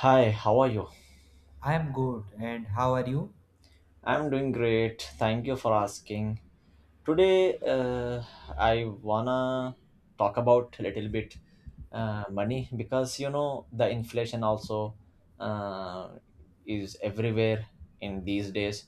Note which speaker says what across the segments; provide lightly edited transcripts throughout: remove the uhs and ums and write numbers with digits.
Speaker 1: Hi, how are you?
Speaker 2: I'm good. And how are you?
Speaker 1: I'm doing great. Thank you for asking. Today, I wanna talk about a little bit money because you know the inflation also uh, is everywhere in these days,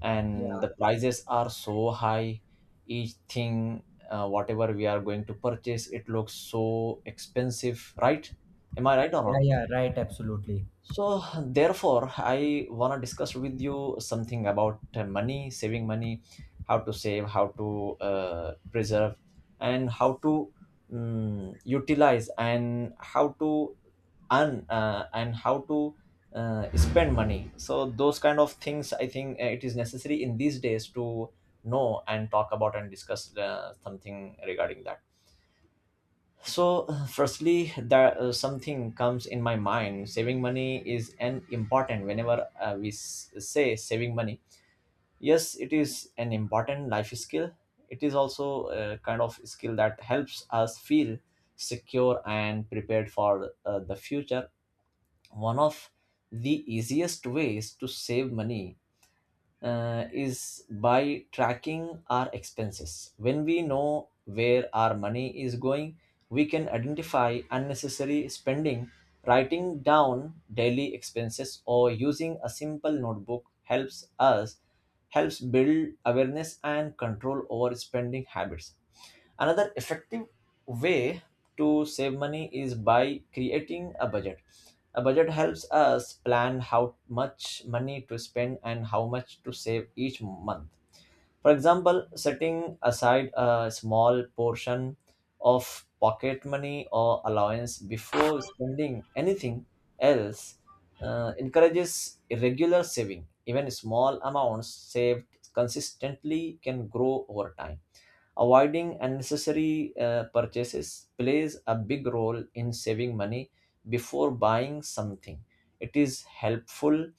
Speaker 1: and
Speaker 2: Yeah,
Speaker 1: the prices are so high. Each thing, whatever we are going to purchase, it looks so expensive, right? Am I right or
Speaker 2: Yeah,
Speaker 1: wrong?
Speaker 2: yeah, right, absolutely.
Speaker 1: So, therefore, I want to discuss with you something about money, saving money, how to save, how to preserve, and how to utilize, and how to earn, and how to spend money. So, those kind of things I think it is necessary in these days to know and talk about and discuss something regarding that. So, firstly, there something comes in my mind. Saving money is an important. Whenever say saving money, yes, it is an important life skill. It is also a kind of skill that helps us feel secure and prepared for the future. One of the easiest ways to save money is by tracking our expenses. When we know where our money is going, we can identify unnecessary spending. Writing down daily expenses or using a simple notebook helps build awareness and control over spending habits. Another effective way to save money is by creating a budget. A budget helps us plan how much money to spend and how much to save each month. For example, setting aside a small portion of pocket money or allowance before spending anything else encourages regular saving. Even small amounts saved consistently can grow over time. Avoiding unnecessary purchases plays a big role in saving money before buying something. It is helpful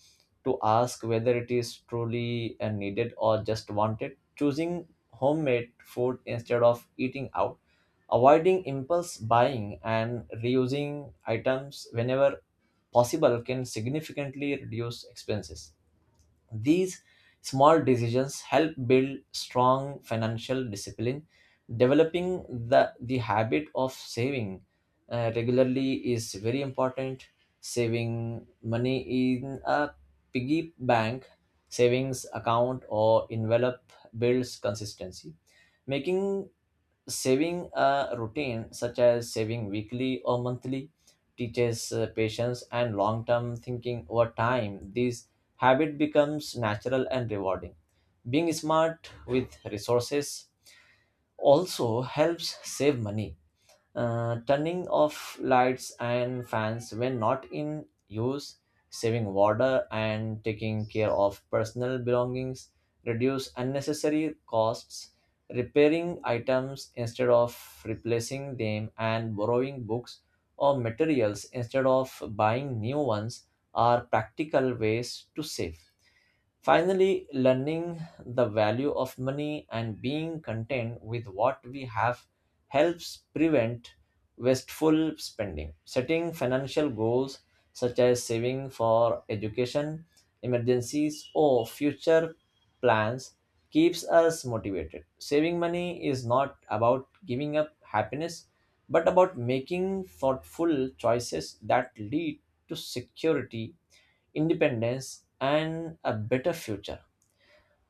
Speaker 1: to ask whether it is truly needed or just wanted. Choosing homemade food instead of eating out, avoiding impulse buying, and reusing items whenever possible can significantly reduce expenses. These small decisions help build strong financial discipline. Developing the habit of saving regularly is very important. Saving money in a piggy bank, savings account, or envelope builds consistency. Making Saving a routine, such as saving weekly or monthly, teaches patience and long term thinking over time. This habit becomes natural and rewarding. Being smart with resources also helps save money turning off lights and fans when not in use, saving water and taking care of personal belongings, reduce unnecessary costs, repairing items instead of replacing them, and borrowing books or materials instead of buying new ones are practical ways to save. Finally, learning the value of money and being content with what we have helps prevent wasteful spending. Setting financial goals such as saving for education, emergencies, or future plans keeps us motivated. Saving money is not about giving up happiness, but about making thoughtful choices that lead to security, independence, and a better future.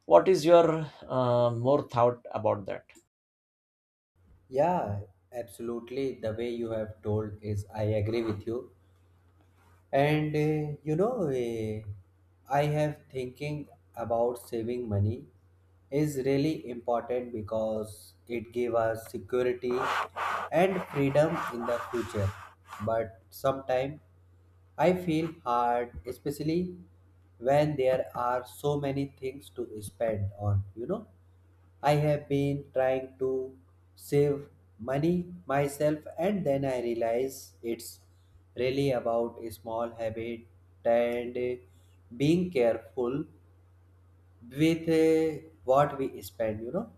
Speaker 1: What is your more thought about that?
Speaker 2: yeah, absolutely. The way you have told is, I agree with you. And I have thinking about saving money is really important because it give us security and freedom in the future. But sometimes I feel hard, especially when there are so many things to spend on, you know. I have been trying to save money myself, and then I realize it's really about a small habit and being careful with what we spend. You know,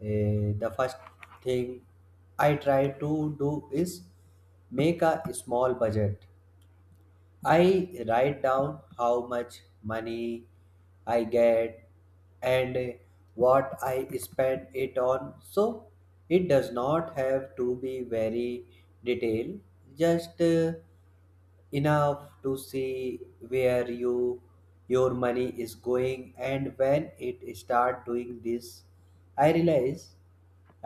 Speaker 2: Uh, the first thing I try to do is make a small budget. I write down how much money I get and what I spend it on. So it does not have to be very detailed, just enough to see where your money is going. And when it start doing this, I realize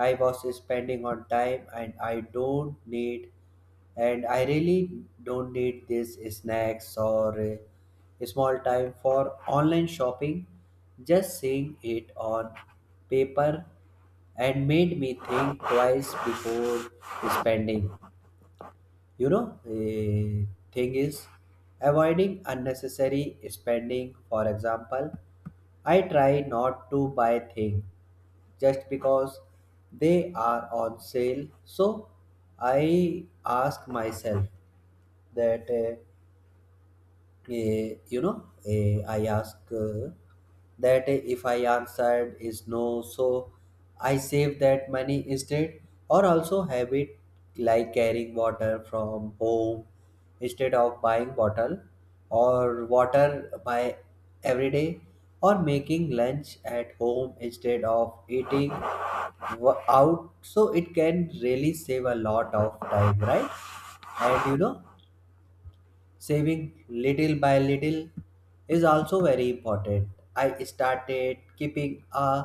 Speaker 2: I was spending on time and I don't need, and I really don't need these snacks or small time for online shopping. Just seeing it on paper and made me think twice before spending. You know, a thing is avoiding unnecessary spending. For example, I try not to buy things just because they are on sale. So I ask myself that I ask that if I answered is no, so I save that money instead. Or also habit like carrying water from home instead of buying bottle, or water by every day, or making lunch at home instead of eating out. So it can really save a lot of time, right? And you know, saving little by little is also very important. I started keeping a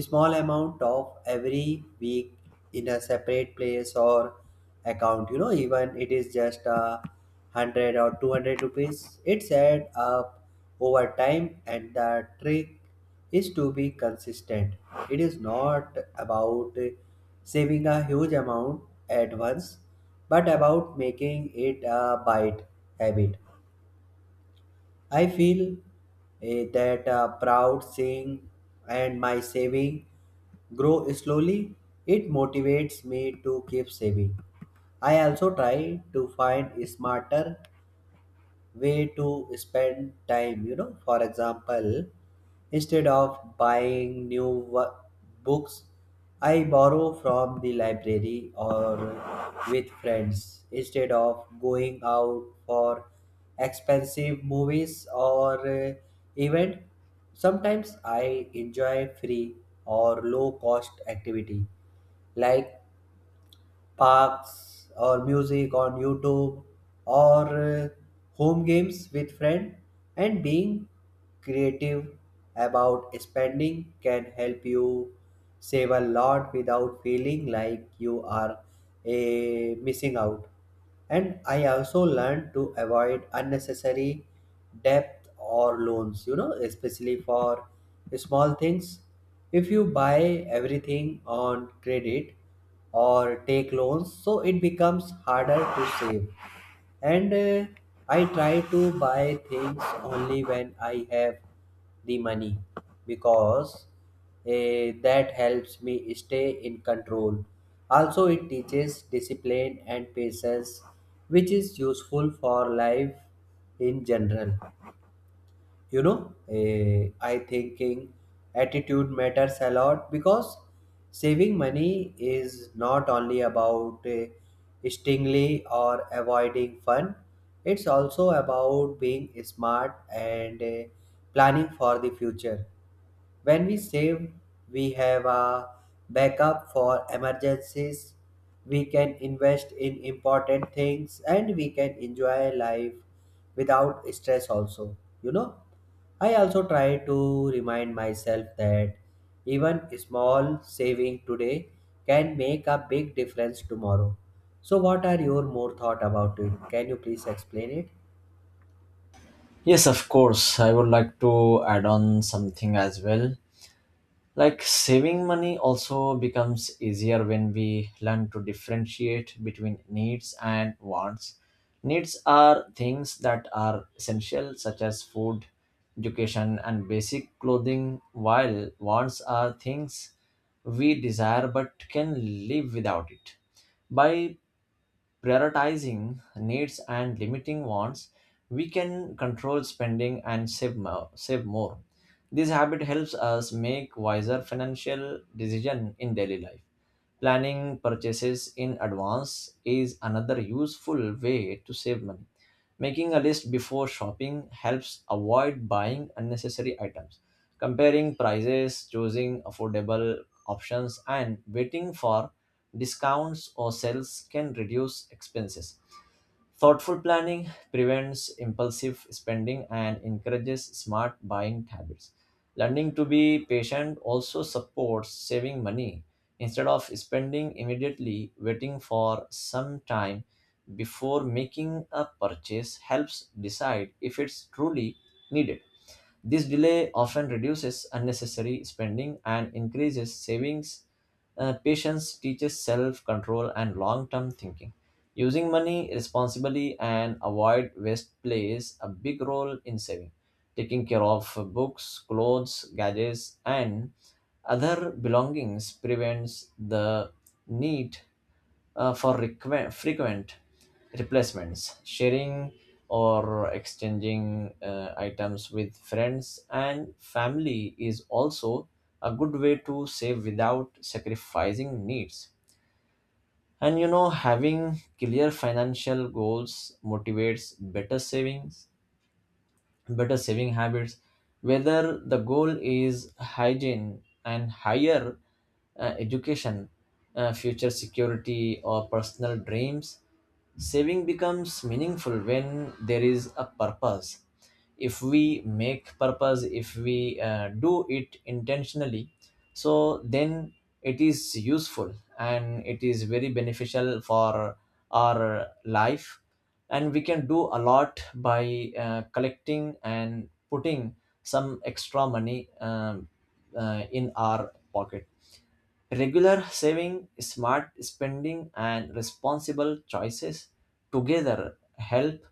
Speaker 2: small amount of every week in a separate place or account. You know, even it is just 100 or 200 rupees. It adds up over time, and the trick is to be consistent. It is not about saving a huge amount at once but about making it a bite habit. I feel that proud seeing and my saving grow slowly. It motivates me to keep saving. I also try to find smarter way to spend time, you know. For example, instead of buying new books, I borrow from the library or with friends instead of going out for expensive movies or event. Sometimes I enjoy free or low cost activity like parks or music on YouTube or home games with friend. And being creative about spending can help you save a lot without feeling like you are missing out. And I also learned to avoid unnecessary debt or loans, you know, especially for small things. If you buy everything on credit or take loans, so it becomes harder to save. And I try to buy things only when I have the money, because that helps me stay in control. Also, it teaches discipline and patience, which is useful for life in general. You know, I thinking attitude matters a lot because saving money is not only about stingly or avoiding fun. It's also about being smart and planning for the future. When we save, we have a backup for emergencies. We can invest in important things, and we can enjoy life without stress also. You know, I also try to remind myself that even small saving today can make a big difference tomorrow. So what are your more thought about it? Can you please explain it?
Speaker 1: Yes, of course. I would like to add on something as well. Like saving money also becomes easier when we learn to differentiate between needs and wants. Needs are things that are essential, such as food, education, and basic clothing, while wants are things we desire but can live without it. By prioritizing needs and limiting wants, we can control spending and save more. Save more. This habit helps us make wiser financial decision in daily life. Planning purchases in advance is another useful way to save money. Making a list before shopping helps avoid buying unnecessary items. Comparing prices, choosing affordable options, and waiting for discounts or sales can reduce expenses. Thoughtful planning prevents impulsive spending and encourages smart buying habits. Learning to be patient also supports saving money. Instead of spending immediately, waiting for some time before making a purchase helps decide if it's truly needed. This delay often reduces unnecessary spending and increases savings. Patience teaches self control and long term thinking. Using money responsibly and avoid waste plays a big role in saving. Taking care of books, clothes, gadgets, and other belongings prevents the need for frequent replacements, sharing or exchanging items with friends and family is also a good way to save without sacrificing needs. And you know, having clear financial goals motivates better saving habits, whether the goal is hygiene and higher education, future security, or personal dreams. Saving becomes meaningful when there is a purpose. If we make purpose if we do it intentionally, so then it is useful and it is very beneficial for our life, and we can do a lot by collecting and putting some extra money in our pocket. Regular saving, smart spending, and responsible choices together help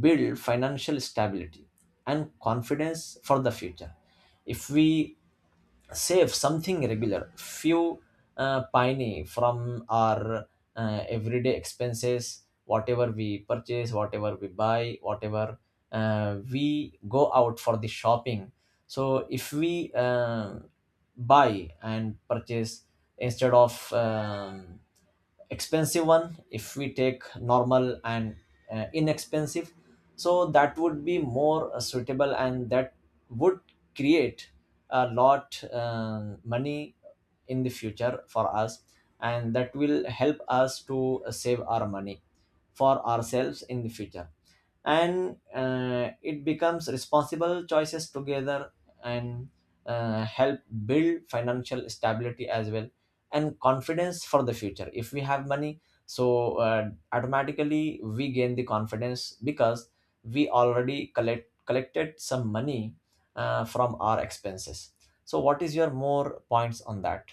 Speaker 1: build financial stability and confidence for the future. If we save something regular few piney from our everyday expenses, whatever we purchase, whatever we buy, whatever we go out for the shopping, so if we buy and purchase instead of expensive one, if we take normal and inexpensive, so that would be more suitable, and that would create a lot money in the future for us, and that will help us to save our money for ourselves in the future. And it becomes responsible choices together and help build financial stability as well, and confidence for the future. If we have money, so automatically we gain the confidence because we already collected some money from our expenses. So what is your more points on that?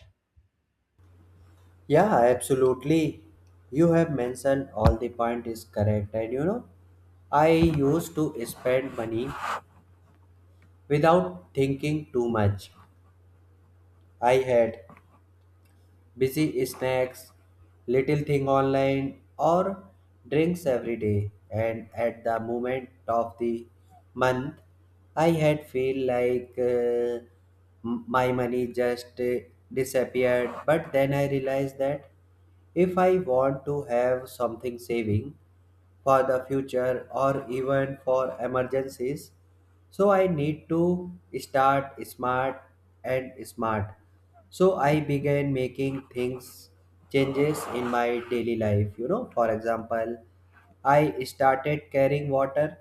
Speaker 2: Yeah, absolutely. You have mentioned all the point is correct, and you know, I used to spend money without thinking too much. I had busy snacks, little thing online, or drinks every day. And at the moment of the month, I had feel like my money just disappeared. But then I realized that if I want to have something saving for the future or even for emergencies, so I need to start smart and smart. So I began making things changes in my daily life. You know, for example, I started carrying water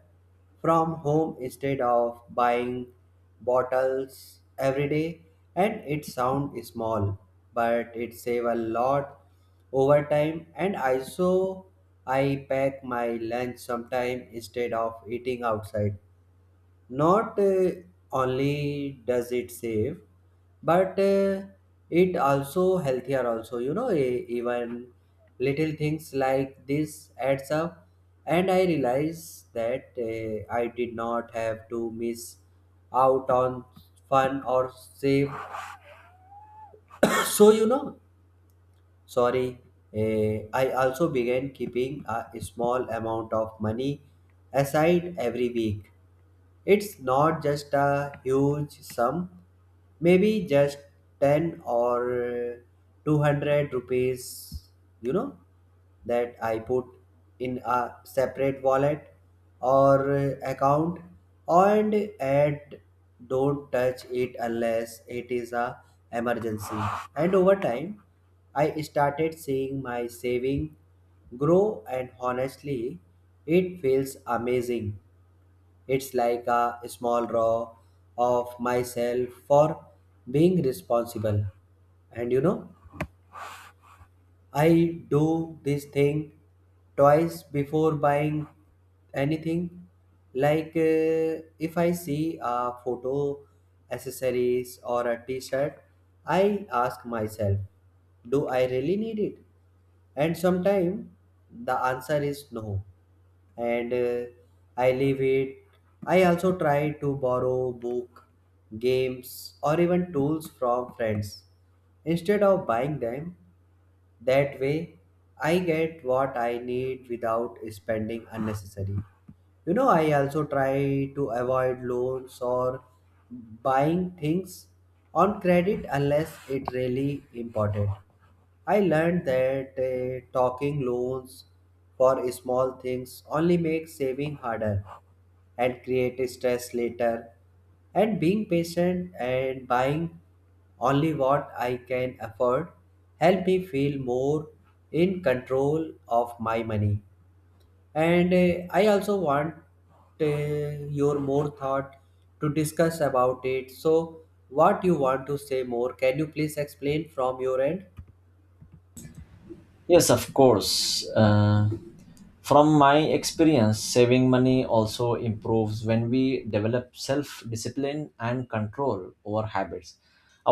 Speaker 2: from home instead of buying bottles every day, and it sounds small but it save a lot over time. And also I pack my lunch sometime instead of eating outside. Not only does it save but it also healthier also. You know, even little things like this adds up, and I realize that I did not have to miss out on fun or save. So you know, sorry, I also began keeping a small amount of money aside every week. It's not just a huge sum, maybe just 10 or 200 rupees, you know, that I put in a separate wallet or account, and add don't touch it unless it is a emergency. And over time I started seeing my saving grow, and honestly it feels amazing. It's like a small raw of myself for being responsible. And you know, I do this thing twice before buying anything. Like if I see a photo, accessories, or a t shirt, I ask myself, do I really need it? And sometimes the answer is no. And I leave it. I also try to borrow book, games, or even tools from friends instead of buying them. That way, I get what I need without spending unnecessary. You know, I also try to avoid loans or buying things on credit unless it really important. I learned that talking loans for small things only makes saving harder and create stress later. And being patient and buying only what I can afford help me feel more in control of my money. And I also want your more thought to discuss about it. So, what you want to say more? Can you please explain from your end?
Speaker 1: Yes, of course. From my experience, saving money also improves when we develop self discipline and control over habits.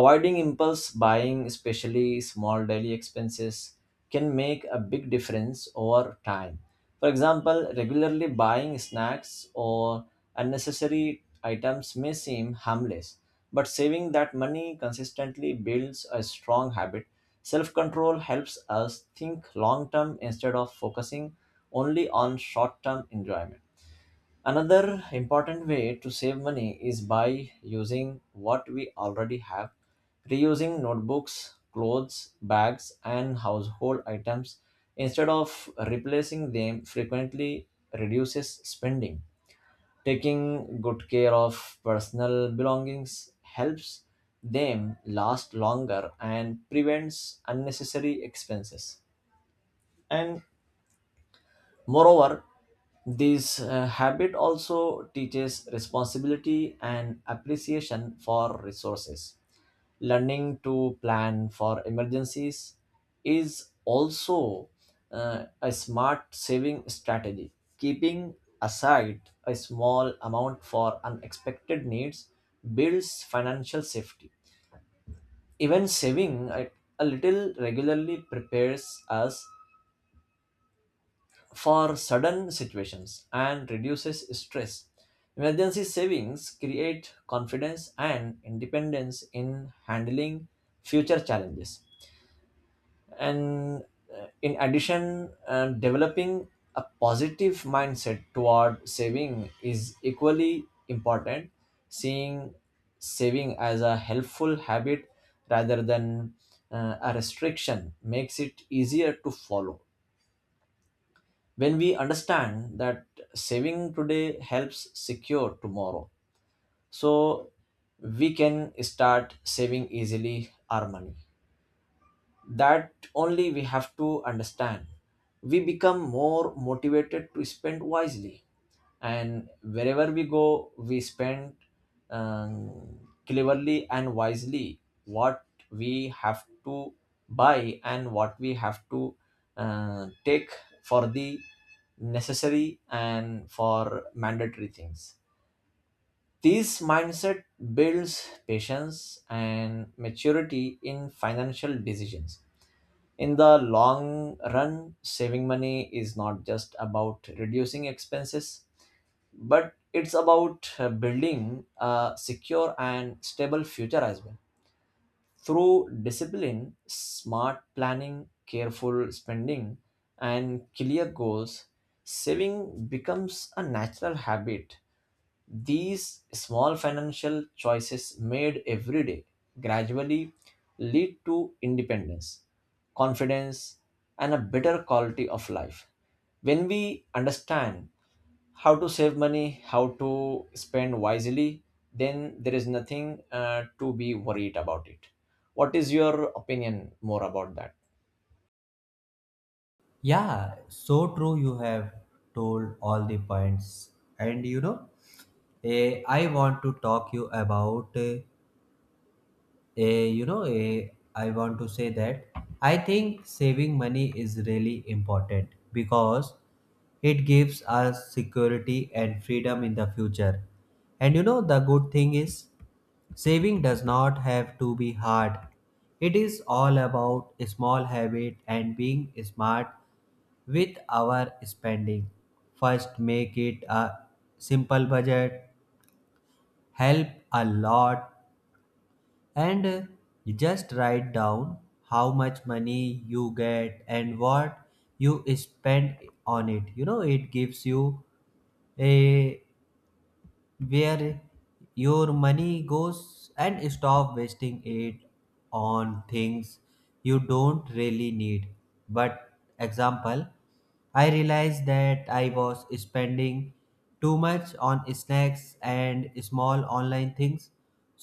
Speaker 1: Avoiding impulse buying, especially small daily expenses, can make a big difference over time. For example, regularly buying snacks or unnecessary items may seem harmless, but saving that money consistently builds a strong habit. Self control helps us think long term instead of focusing only on short term enjoyment. Another important way to save money is by using what we already have, reusing notebooks, clothes, bags, and household items instead of replacing them frequently reduces spending. Taking good care of personal belongings helps them last longer and prevents unnecessary expenses. And Moreover, this habit also teaches responsibility and appreciation for resources. Learning to plan for emergencies is also a smart saving strategy. Keeping aside a small amount for unexpected needs builds financial safety. Even saving a little regularly prepares us for sudden situations and reduces stress. Emergency savings create confidence and independence in handling future challenges. And in addition, developing a positive mindset toward saving is equally important. Seeing saving as a helpful habit rather than a restriction makes it easier to follow. When we understand that saving today helps secure tomorrow, so we can start saving easily our money. That only we have to understand, we become more motivated to spend wisely, and wherever we go we spend um, cleverly and wisely what we have to buy and what we have to take for the necessary and for mandatory things. This mindset builds patience and maturity in financial decisions. In the long run, saving money is not just about reducing expenses, but it's about building a secure and stable future as well. Through discipline, smart planning, careful spending, and clear goals, saving becomes a natural habit. These small financial choices made every day gradually lead to independence, confidence, and a better quality of life. When we understand how to save money, how to spend wisely, then there is nothing to be worried about it. What is your opinion more about that?
Speaker 2: Yeah, so true. You have told all the points, and you know, eh, I want to talk you about. Eh, Eh, you know, eh, I want to say that I think saving money is really important because it gives us security and freedom in the future. And you know, the good thing is saving does not have to be hard. It is all about a small habit and being smart with our spending. First, make it a simple budget, help a lot. And you just write down how much money you get and what you spend on it. You know, it gives you a where your money goes, and stop wasting it on things you don't really need. But example, I realized that I was spending too much on snacks and small online things.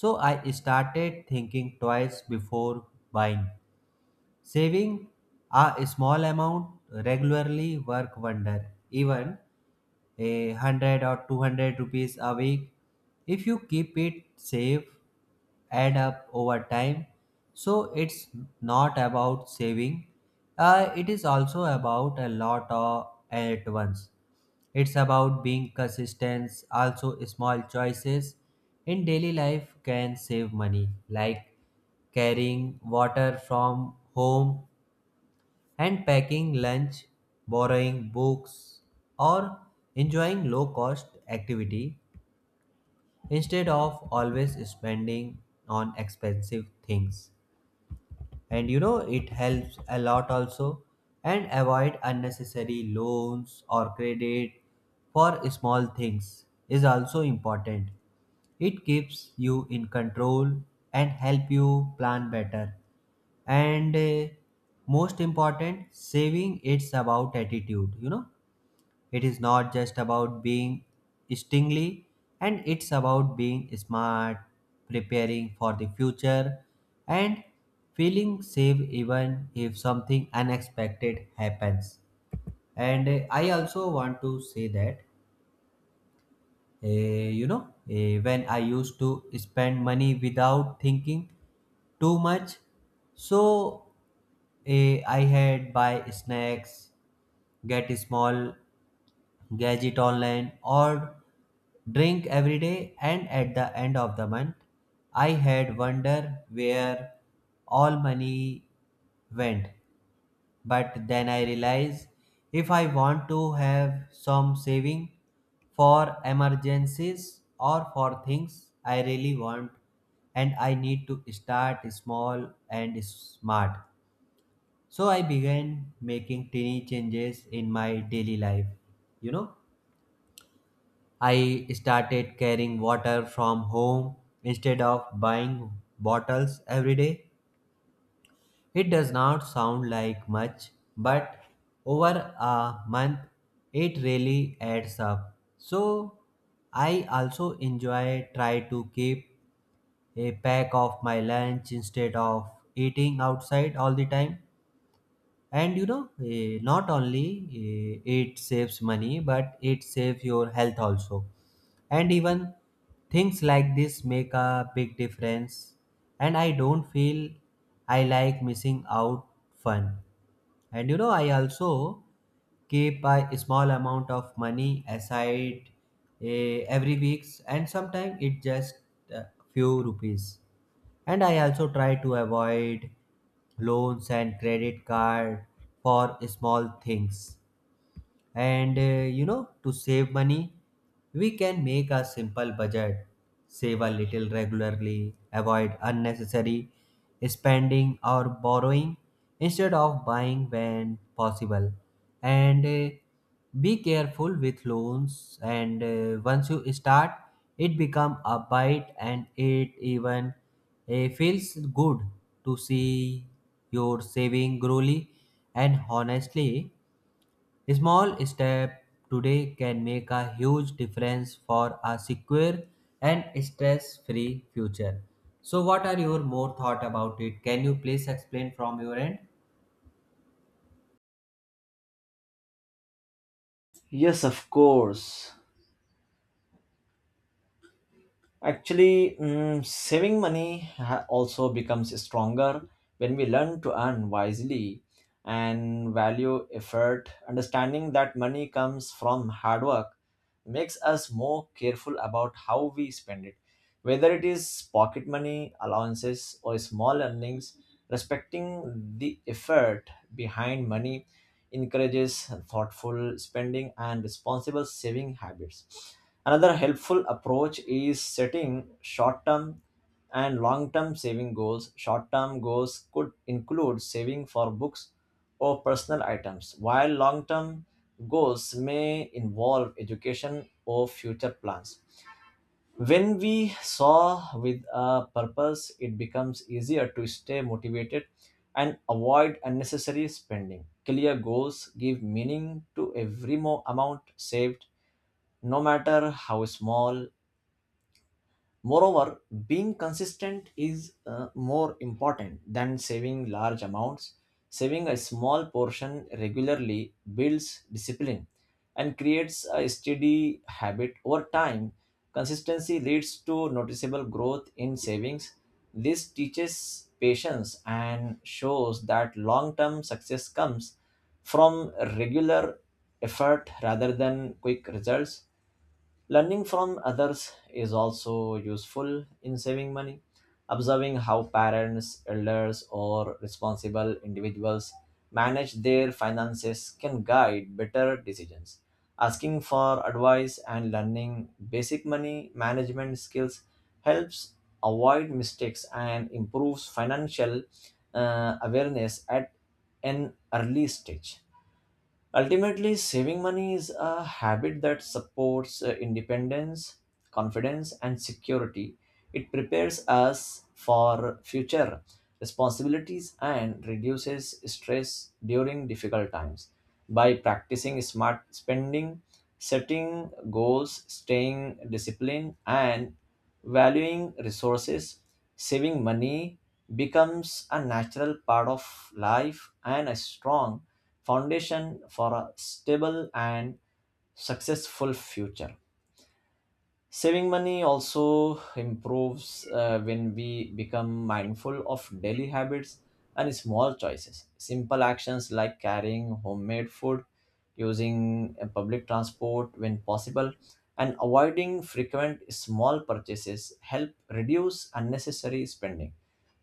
Speaker 2: So I started thinking twice before buying. Saving a small amount regularly work wonder. Even 100 or 200 rupees a week, if you keep it safe, add up over time. So it's not about saving, it is also about a lot of at once. It's about being consistent also. Small choices in daily life can save money, like carrying water from home and packing lunch, borrowing books, or enjoying low cost activity instead of always spending on expensive things. And you know, it helps a lot also. And avoid unnecessary loans or credit for small things is also important. It keeps you in control and help you plan better. And most important saving it's about attitude, you know. It is not just about being stingly, and it's about being smart, preparing for the future and feeling safe even if something unexpected happens. And I also want to say that when I used to spend money without thinking too much, so I had buy snacks, get small gadget online, or drink every day. And at the end of the month, I had wonder where all money went. But then I realize if I want to have some saving for emergencies or for things I really want, and I need to start small and smart. So I began making tiny changes in my daily life. You know, I started carrying water from home instead of buying bottles every day. It does not sound like much, but over a month it really adds up. So I also enjoy try to keep a pack of my lunch instead of eating outside all the time. And you know, not only it saves money but it saves your health also. And even things like this make a big difference, and I don't feel I like missing out fun. And you know, I also keep a small amount of money aside every weeks, and sometimes it just a few rupees. And I also try to avoid loans and credit card for small things. And you know, to save money, we can make a simple budget, save a little regularly, avoid unnecessary spending or borrowing instead of buying when possible, and be careful with loans. And once you start, it become a bite, and it even feels good to see your saving growly. And honestly, small step today can make a huge difference for a secure and stress-free future. So, what are your more thought about it? Can you please explain from your end?
Speaker 1: Yes, of course. Actually, saving money also becomes stronger when we learn to earn wisely and value effort. Understanding that money comes from hard work makes us more careful about how we spend it. Whether it is pocket money, allowances, or small earnings, respecting the effort behind money encourages thoughtful spending and responsible saving habits. Another helpful approach is setting short term and long term saving goals. Short term goals could include saving for books or personal items, while long term goals may involve education or future plans. When we saw with a purpose, it becomes easier to stay motivated and avoid unnecessary spending. Clear goals give meaning to every amount saved, no matter how small. Moreover, being consistent is more important than saving large amounts. Saving a small portion regularly builds discipline and creates a steady habit over time. Consistency leads to noticeable growth in savings. This teaches patience and shows that long term success comes from regular effort rather than quick results. Learning from others is also useful in saving money. Observing how parents, elders, or responsible individuals manage their finances can guide better decisions. Asking for advice and learning basic money management skills helps avoid mistakes and improves financial awareness at an early stage. Ultimately, saving money is a habit that supports independence, confidence, and security. It prepares us for future responsibilities and reduces stress during difficult times. By practicing smart spending, setting goals, staying disciplined, and valuing resources, saving money becomes a natural part of life and a strong foundation for a stable and successful future. Saving money also improves when we become mindful of daily habits and small choices. Simple actions like carrying homemade food, using public transport when possible, and avoiding frequent small purchases help reduce unnecessary spending.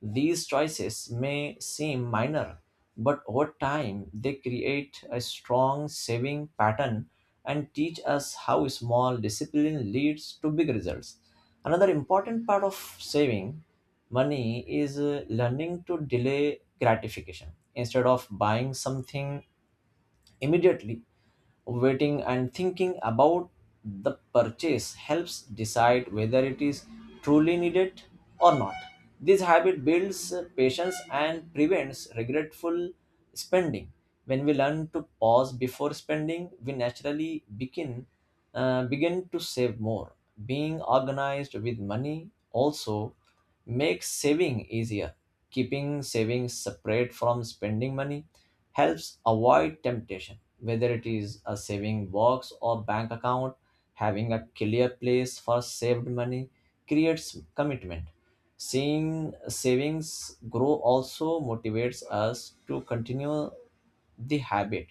Speaker 1: These choices may seem minor, but over time they create a strong saving pattern and teach us how small discipline leads to big results. Another important part of saving money is learning to delay gratification. Instead of buying something immediately, waiting and thinking about the purchase helps decide whether it is truly needed or not. This habit builds patience and prevents regretful spending. When we learn to pause before spending, we naturally begin to save more. Being organized with money also makes saving easier. Keeping savings separate from spending money helps avoid temptation. Whether it is a saving box or bank account, having a clear place for saved money creates commitment. Seeing savings grow also motivates us to continue the habit.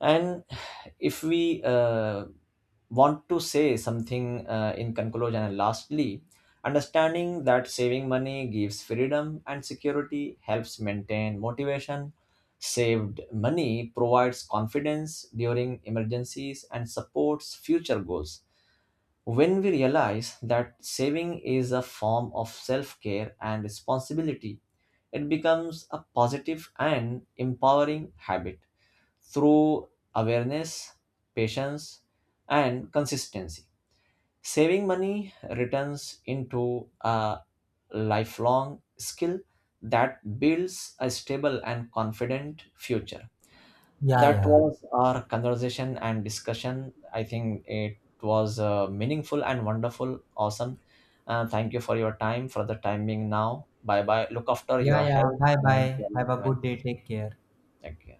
Speaker 1: And if we want to say something in conclusion and lastly, understanding that saving money gives freedom and security helps maintain motivation. Saved money provides confidence during emergencies and supports future goals. When we realize that saving is a form of self care and responsibility, it becomes a positive and empowering habit through awareness, patience, and consistency. Saving money returns into a lifelong skill that builds a stable and confident future.
Speaker 2: Yeah,
Speaker 1: That
Speaker 2: yeah,
Speaker 1: was our conversation and discussion. I think it was meaningful and wonderful. Awesome. Thank you for your time, for the timing now. Bye bye. Look after
Speaker 2: yeah,
Speaker 1: your
Speaker 2: yeah.
Speaker 1: health
Speaker 2: Bye,
Speaker 1: and your
Speaker 2: bye. Have
Speaker 1: loved
Speaker 2: a
Speaker 1: ones.
Speaker 2: good day. Take care.
Speaker 1: Thank you.